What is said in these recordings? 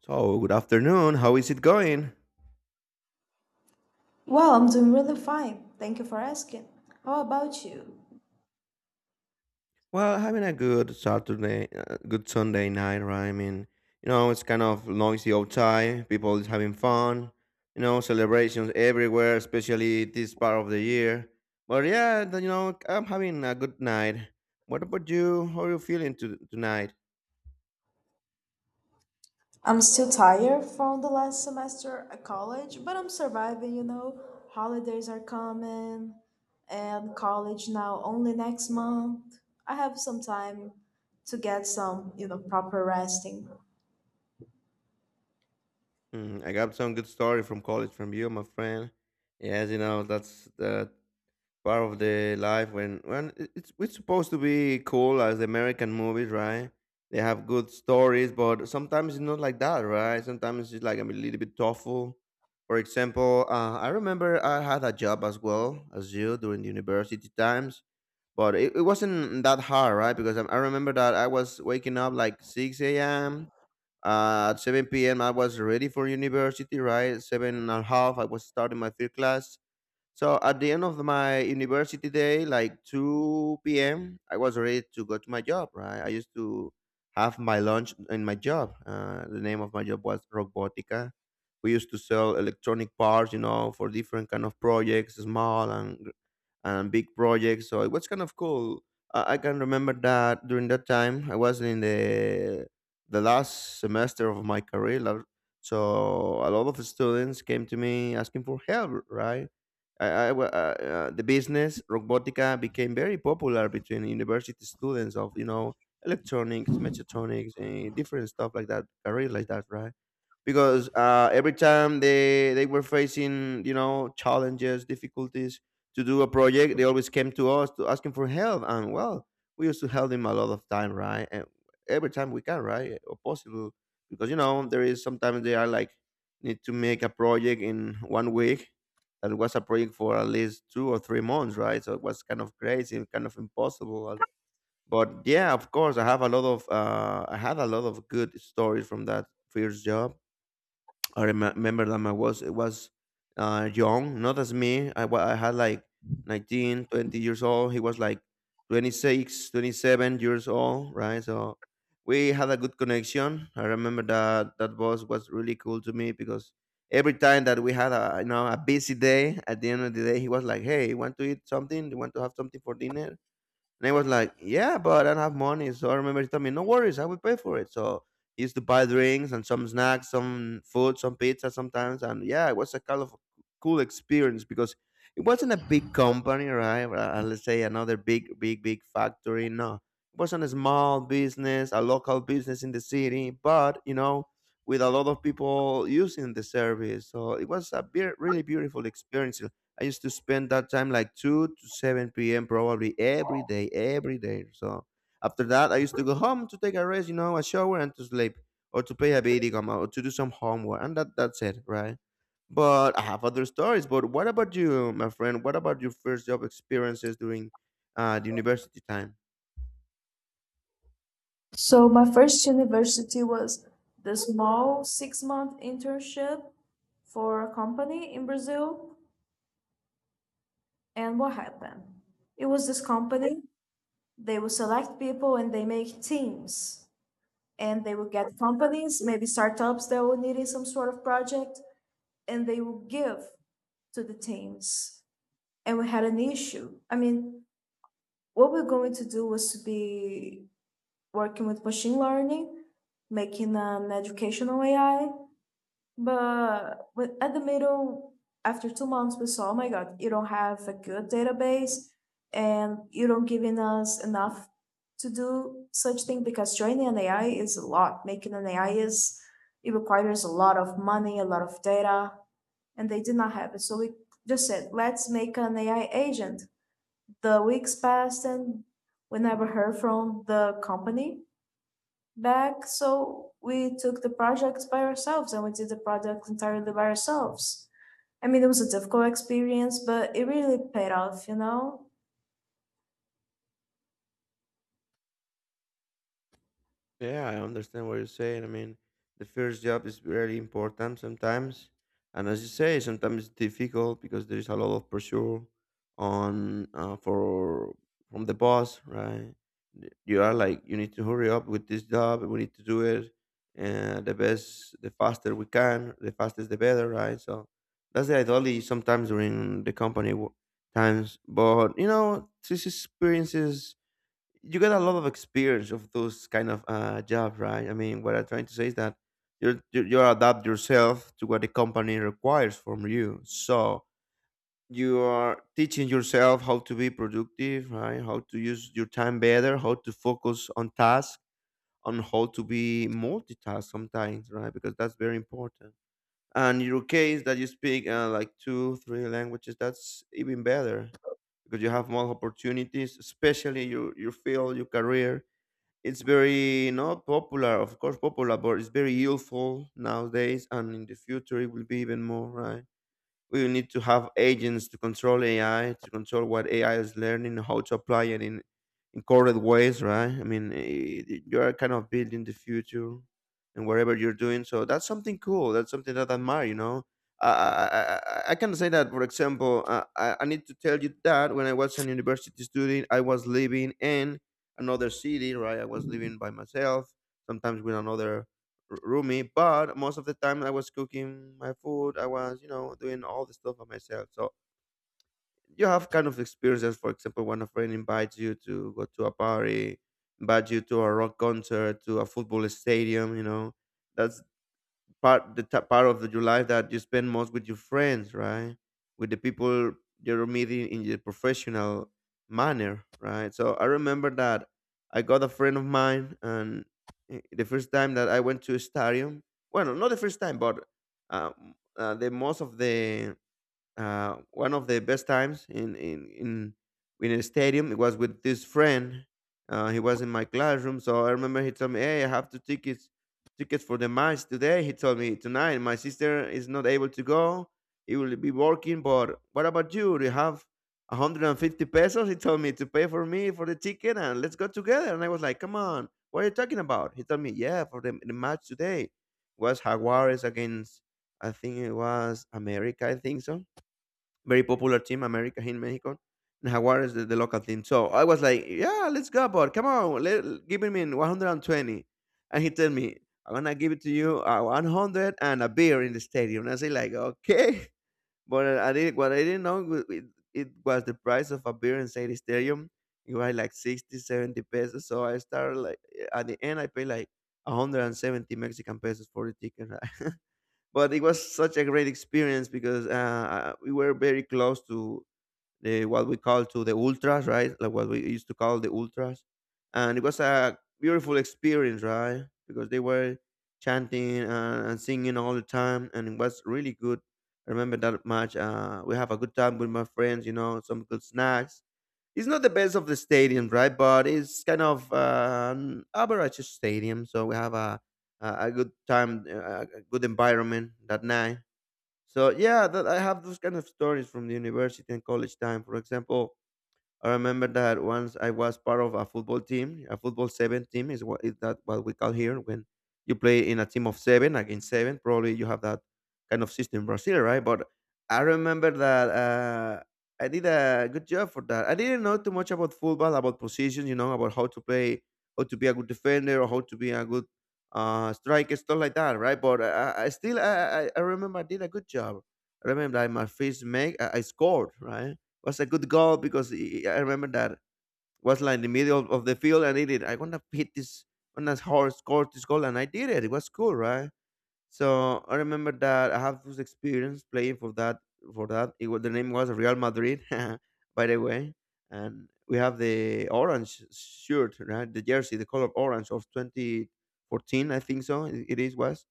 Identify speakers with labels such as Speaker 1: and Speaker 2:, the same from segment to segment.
Speaker 1: So, good afternoon. How is it going?
Speaker 2: Well, I'm doing really fine. Thank you for asking. How about you?
Speaker 1: Well, having a good Saturday, good Sunday night, right? I mean, it's kind of noisy outside. People is having fun. Celebrations everywhere, especially this part of the year. But yeah, I'm having a good night. What about you? How are you feeling to, tonight?
Speaker 2: I'm still tired from the last semester at college, but I'm surviving, you know. Holidays are coming and college now only next month. I have some time to get some, proper resting.
Speaker 1: I got some good story from college from you, my friend. Yes, that's the part of the life when it's supposed to be cool as the American movies, right? They have good stories, but sometimes it's not like that, right? Sometimes it's like a little bit thoughtful. For example, I remember I had a job as well as you during the university times, but it wasn't that hard, right? Because I remember that I was waking up like 6 a.m. At 7 p.m. I was ready for university, right? Seven and a half, I was starting my third class so at the end of my university day, like 2 p.m., I was ready to go to my job, right? I used to have my lunch in my job. The name of my job was Robotica. We used to sell electronic parts, for different kind of projects, small and big projects. So it was kind of cool. I can remember that during that time, I was in the last semester of my career. So a lot of students came to me asking for help, right? I, I, wa- uh, the business robotica became very popular between university students of electronics, mechatronics, and different stuff like that, career like that, right? Because every time they were facing, challenges, difficulties to do a project, they always came to us to asking for help. And well, we used to help them a lot of time, right? And every time we can, right? Or possible. Because, there is sometimes they are like, need to make a project in 1 week that was a project for at least 2 or 3 months, right? So it was kind of crazy, kind of impossible but yeah, of course I have a lot of I had a lot of good stories from that first job. I remember that I was it was young, not as me. I had like 19, 20 years old. He was like 26, 27 years old, right? So we had a good connection. I remember that that boss was really cool to me because every time that we had a you know a busy day, at the end of the day, he was like, "Hey, you want to eat something? You want to have something for dinner?" And I was like, yeah, but I don't have money. So I remember he told me, no worries, I will pay for it. So he used to buy drinks and some snacks, some food, some pizza sometimes. And yeah, it was a kind of cool experience because it wasn't a big company, right? Let's say another big, big, big factory. No, it wasn't a small business, a local business in the city, but with a lot of people using the service. So it was a really beautiful experience. I used to spend that time like 2 to 7 p.m. probably every day, every day. So after that, I used to go home to take a rest, a shower and to sleep or to play a video game or to do some homework. And that's it, right? But I have other stories. But what about you, my friend? What about your first job experiences during the university time?
Speaker 2: So my first university was the small six-month internship for a company in Brazil. And what happened? It was this company. They will select people and they make teams. And they will get companies, maybe startups that were needing some sort of project, and they will give to the teams. And we had an issue. I mean, what we're going to do was to be working with machine learning, making an educational AI, but with, at the middle, after 2 months, we saw, oh my God, you don't have a good database and you don't giving us enough to do such thing because training an AI is a lot. Making an AI is, it requires a lot of money, a lot of data, and they did not have it. So we just said, let's make an AI agent. The weeks passed and we never heard from the company back, so we took the projects by ourselves and we did the project entirely by ourselves. I mean, it was a difficult experience, but it really paid off, you know?
Speaker 1: Yeah, I understand what you're saying. I mean, the first job is very important sometimes. And as you say, sometimes it's difficult because there is a lot of pressure on for from the boss, right? You are like, you need to hurry up with this job. We need to do it the best, the faster we can. The fastest, the better, right? So that's the ideology sometimes during the company times. But this experiences you get a lot of experience of those kind of job, right? I mean, what I'm trying to say is that you adapt yourself to what the company requires from you. So you are teaching yourself how to be productive, right? How to use your time better, how to focus on tasks, on how to be multitask sometimes, right? Because that's very important. And in your case that you speak like two, three languages, that's even better because you have more opportunities, especially your field, your career it's very not popular, of course, popular, but it's very useful nowadays, and in the future it will be even more, right? We need to have agents to control AI, to control what AI is learning, how to apply it in correct ways, right? I mean, you're kind of building the future and whatever you're doing. So that's something cool. That's something that I admire, you know? I can say that, for example, I need to tell you that when I was an university student, I was living in another city, right? I was living by myself, sometimes with another Rumi, but most of the time I was cooking my food. I was, doing all the stuff by myself. So you have kind of experiences. For example, when a friend invites you to go to a party, invites you to a rock concert, to a football stadium. That's part of your life that you spend most with your friends, right? With the people you're meeting in your professional manner, right? So I remember that I got a friend of mine, and the first time that I went to a stadium, well, no, not the first time, but the most of the one of the best times in a stadium. It was with this friend. He was in my classroom, so I remember he told me, "Hey, I have two tickets, for the match today." He told me tonight. My sister is not able to go; he will be working. But what about you? Do you have 150 pesos? He told me to pay for me for the ticket, and let's go together. And I was like, "Come on, what are you talking about?" He told me, "Yeah, for the match today was Jaguares against." I think it was America. I think so very popular team, America here in Mexico. And Jaguares, the local team. So I was like, yeah, let's go, but come on, give me 120. And he told me, I'm gonna give it to you 100 and a beer in the stadium. And I say like, okay, but I did what I didn't know it was the price of a beer inside the stadium. It was like 60, 70 pesos. So I started like at the end I paid like 170 Mexican pesos for the ticket. But it was such a great experience because we were very close to the what we call to the ultras, right? Like what we used to call the ultras, and it was a beautiful experience, right? Because they were chanting and singing all the time, and it was really good. I remember that much. We have a good time with my friends, some good snacks, it's not the best of the stadium, right? But it's kind of an average stadium, so we have a good time, a good environment that night. So yeah, that I have those kind of stories from the university and college time. For example, I remember that once I was part of a football team, a football seven team is what is that what we call here when you play in a team of seven against seven. Probably you have that kind of system in Brazil, right? But I remember that I did a good job for that. I didn't know too much about football, about positions, about how to play, how to be a good defender, or how to be a good striker, stuff like that, right? But I remember I did a good job. I remember that my first make I scored, right? Was a good goal because I remember that was like in the middle of the field and I did. I want to hit this, want to score, score this goal, and I did it. It was cool, right? So I remember that I have this experience playing for that. It was the name was Real Madrid, by the way, and we have the orange shirt, right? The jersey, the color orange of 2014, I think so. It is was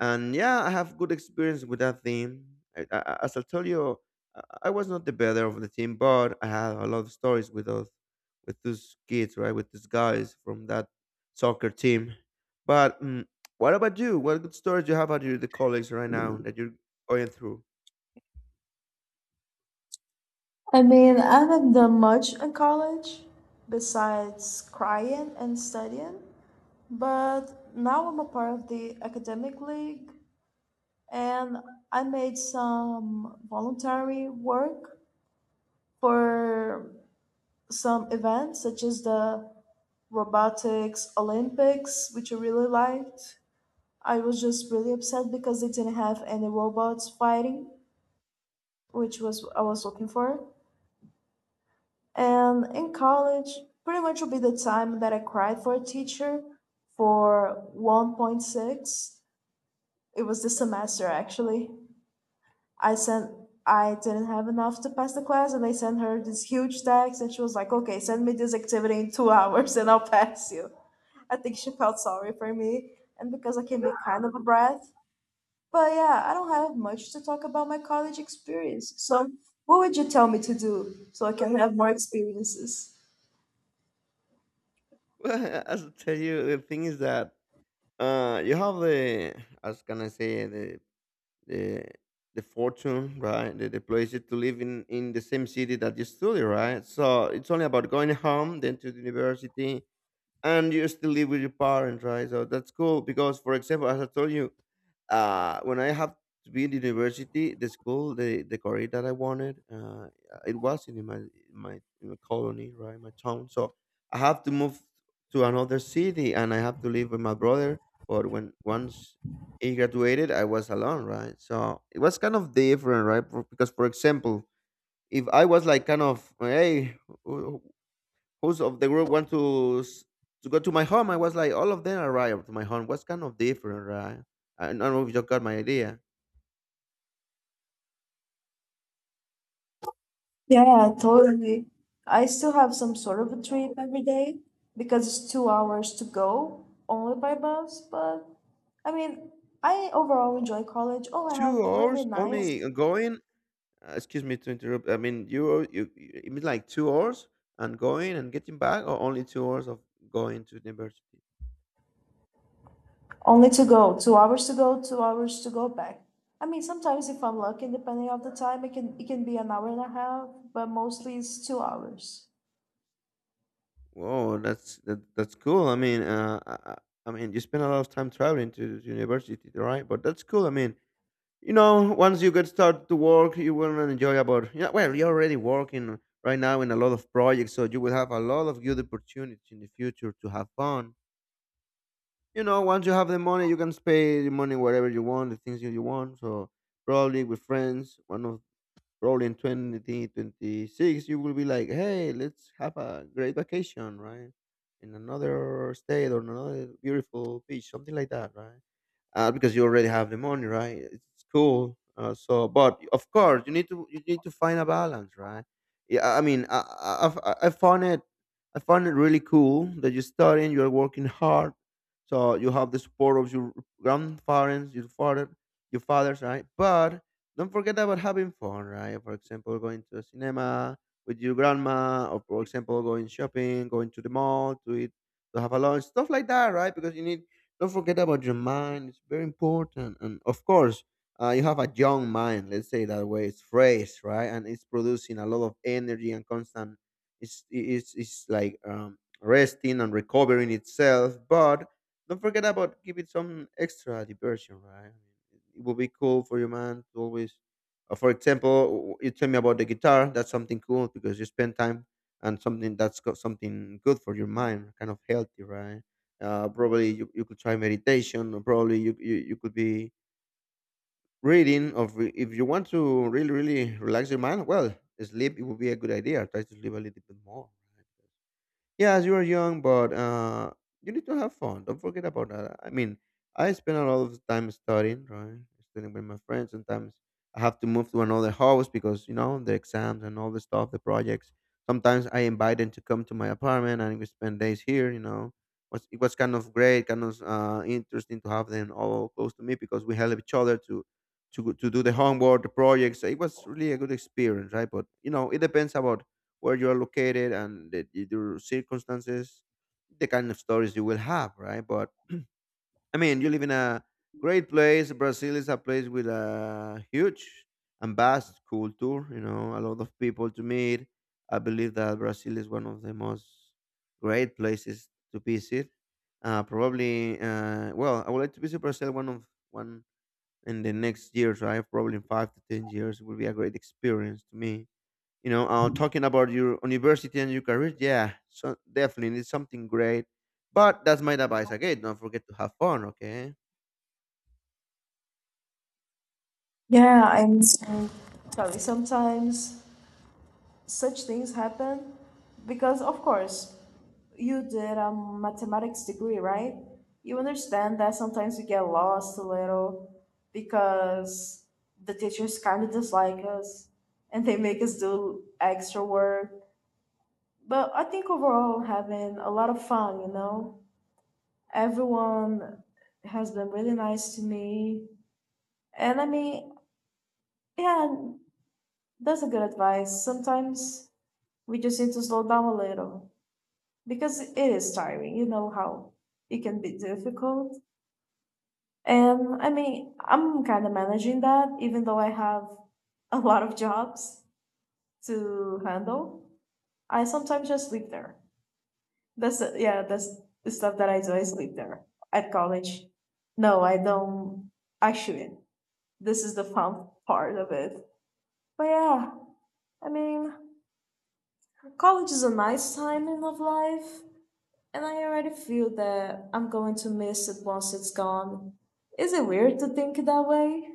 Speaker 1: and Yeah, I have good experience with that team. As I'll tell you i I was not the better of the team, but I had a lot of stories with those with those kids, right? With these guys from that soccer team. but mm, what about you? What good stories you have about your the colleagues right now that you're going through?
Speaker 2: I mean, I haven't done much in college besides crying and studying, but now I'm a part of the academic league and I made some voluntary work for some events such as the robotics Olympics, which I really liked. I was just really upset because they didn't have any robots fighting, which was what I was looking for. And in college, pretty much would be the time that I cried for a teacher for 1.6. It was this semester actually. I sent, I didn't have enough to pass the class and I sent her this huge text and she was like, "Okay, send me this activity in two hours and I'll pass you." I think she felt sorry for me and because I can be kind of a brat. But yeah, I don't have much to talk about my college experience. So what would you tell me to do so I can have more experiences?
Speaker 1: Well, as I tell you, the thing is that you have the, as can I say, the the the fortune, right? The place to live in the same city that you study, right? So it's only about going home, then to the university, and you still live with your parents, right? So that's cool because, for example, as I told you, when I have to be in the university, the school, the career that I wanted, it was in my colony, right, my town. So I have to move to another city, and I have to live with my brother. But when once he graduated, I was alone, right? So it was kind of different, right? Because, for example, if I was like kind of, hey, who's of the group want to to go to my home? I was like, all of them arrived to my home. What's kind of different, right? I don't know if you got my idea.
Speaker 2: Yeah, totally. I still have some sort of a trip every day because it's 2 hours to go only by bus, but I mean, I overall
Speaker 1: Wow,
Speaker 2: enjoy college. Oh, I have
Speaker 1: two
Speaker 2: really
Speaker 1: hours
Speaker 2: nice.
Speaker 1: only going. Excuse me to interrupt. I mean, it means like 2 hours and going and getting back, or only 2 hours of going to university.
Speaker 2: Only to go, 2 hours to go, 2 hours to go back. I mean, sometimes if I'm lucky, depending on the time, it can be an hour and a half, but mostly it's 2 hours.
Speaker 1: Whoa, that's cool. I mean, uh, I mean, you spend a lot of time traveling to university, right? But that's cool. I mean, you know, once you get start to work, you will enjoy about. Yeah, well, you're already working right now in a lot of projects, so you will have a lot of good opportunities in the future to have fun. You know, once you have the money, you can spend the money wherever you want, the things that you want. So probably with friends, one of probably in 2026, you will be like, hey, let's have a great vacation, right? In another state or another beautiful beach, something like that, right? Because you already have the money, right? It's cool. So, but of course, you need to find a balance, right? Yeah, I found it really cool that you're studying, you're working hard, so you have the support of your grandparents, your father, your fathers, right? But don't forget about having fun, right? For example, going to the cinema with your grandma, or for example, going shopping, going to the mall to eat, to have a lunch, stuff like that, right? Because you need don't forget about your mind. It's very important. And of course, you have a young mind, let's say that way. It's fresh, right? And it's producing a lot of energy and constant. It's like resting and recovering itself, but don't forget about give it some extra diversion, right? It will be cool for your mind to always, for example, you tell me about the guitar. That's something cool because you spend time and something that's got something good for your mind, kind of healthy, right? Probably you could try meditation, or probably you could be if you want to really really relax your mind, well, sleep, it would be a good idea. Try to sleep a little bit more, right? Yes, you are young, but you need to have fun. Don't forget about that. I mean, I spend a lot of time studying, right? Studying with my friends. Sometimes I have to move to another house because you know the exams and all the stuff, the projects. Sometimes I invite them to come to my apartment and we spend days here. You know, was it was kind of great, kind of interesting to have them all close to me because we help each other to. To do the homework, the projects, it was really a good experience, right? But you know, it depends about where you are located and your circumstances, the kind of stories you will have, right? But I mean, you live in a great place. Brazil is a place with a huge and vast culture, you know, a lot of people to meet. I believe that Brazil is one of the most great places to visit. Well, I would like to visit Brazil one in the next years, right? Probably in 5 to 10 years, it will be a great experience to me. You know, talking about your university and your career, yeah, so definitely it's something great, but that's my advice again, don't forget to have fun, okay?
Speaker 2: Yeah, and so- sorry, sometimes such things happen because, of course, you did a mathematics degree, right? You understand that sometimes we get lost a little because the teachers kind of dislike us and they make us do extra work. But I think overall, having a lot of fun, you know? Everyone has been really nice to me. And I mean, yeah, that's a good advice. Sometimes we just need to slow down a little because it is tiring. You know how it can be difficult. And I mean, I'm kind of managing that, even though I have a lot of jobs to handle. I sometimes just sleep there. That's the- yeah, that's the stuff that I do. I sleep there at college. No, I don't. Actually, this is the fun part of it. But yeah, I mean, college is a nice time in of life, and I already feel that I'm going to miss it once it's gone. Is it weird to think that way?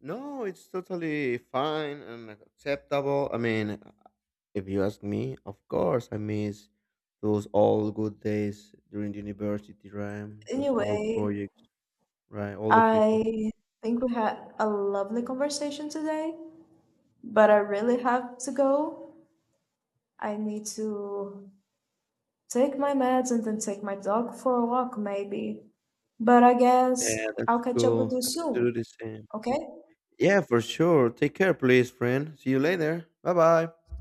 Speaker 1: No, it's totally fine and acceptable. I mean, if you ask me, of course I miss those all good days during the university, right? Those all
Speaker 2: Anyway,
Speaker 1: projects, right, all the people.
Speaker 2: I think we had a lovely conversation today, but I really have to go. I need to take my meds and then take my dog for a walk, maybe. But I
Speaker 1: Yeah,
Speaker 2: guess I'll
Speaker 1: that's
Speaker 2: catch up with
Speaker 1: cool.
Speaker 2: you
Speaker 1: I have to
Speaker 2: soon,
Speaker 1: do the same.
Speaker 2: okay?
Speaker 1: Yeah, for sure. Take care please, friend. See you later. Bye bye.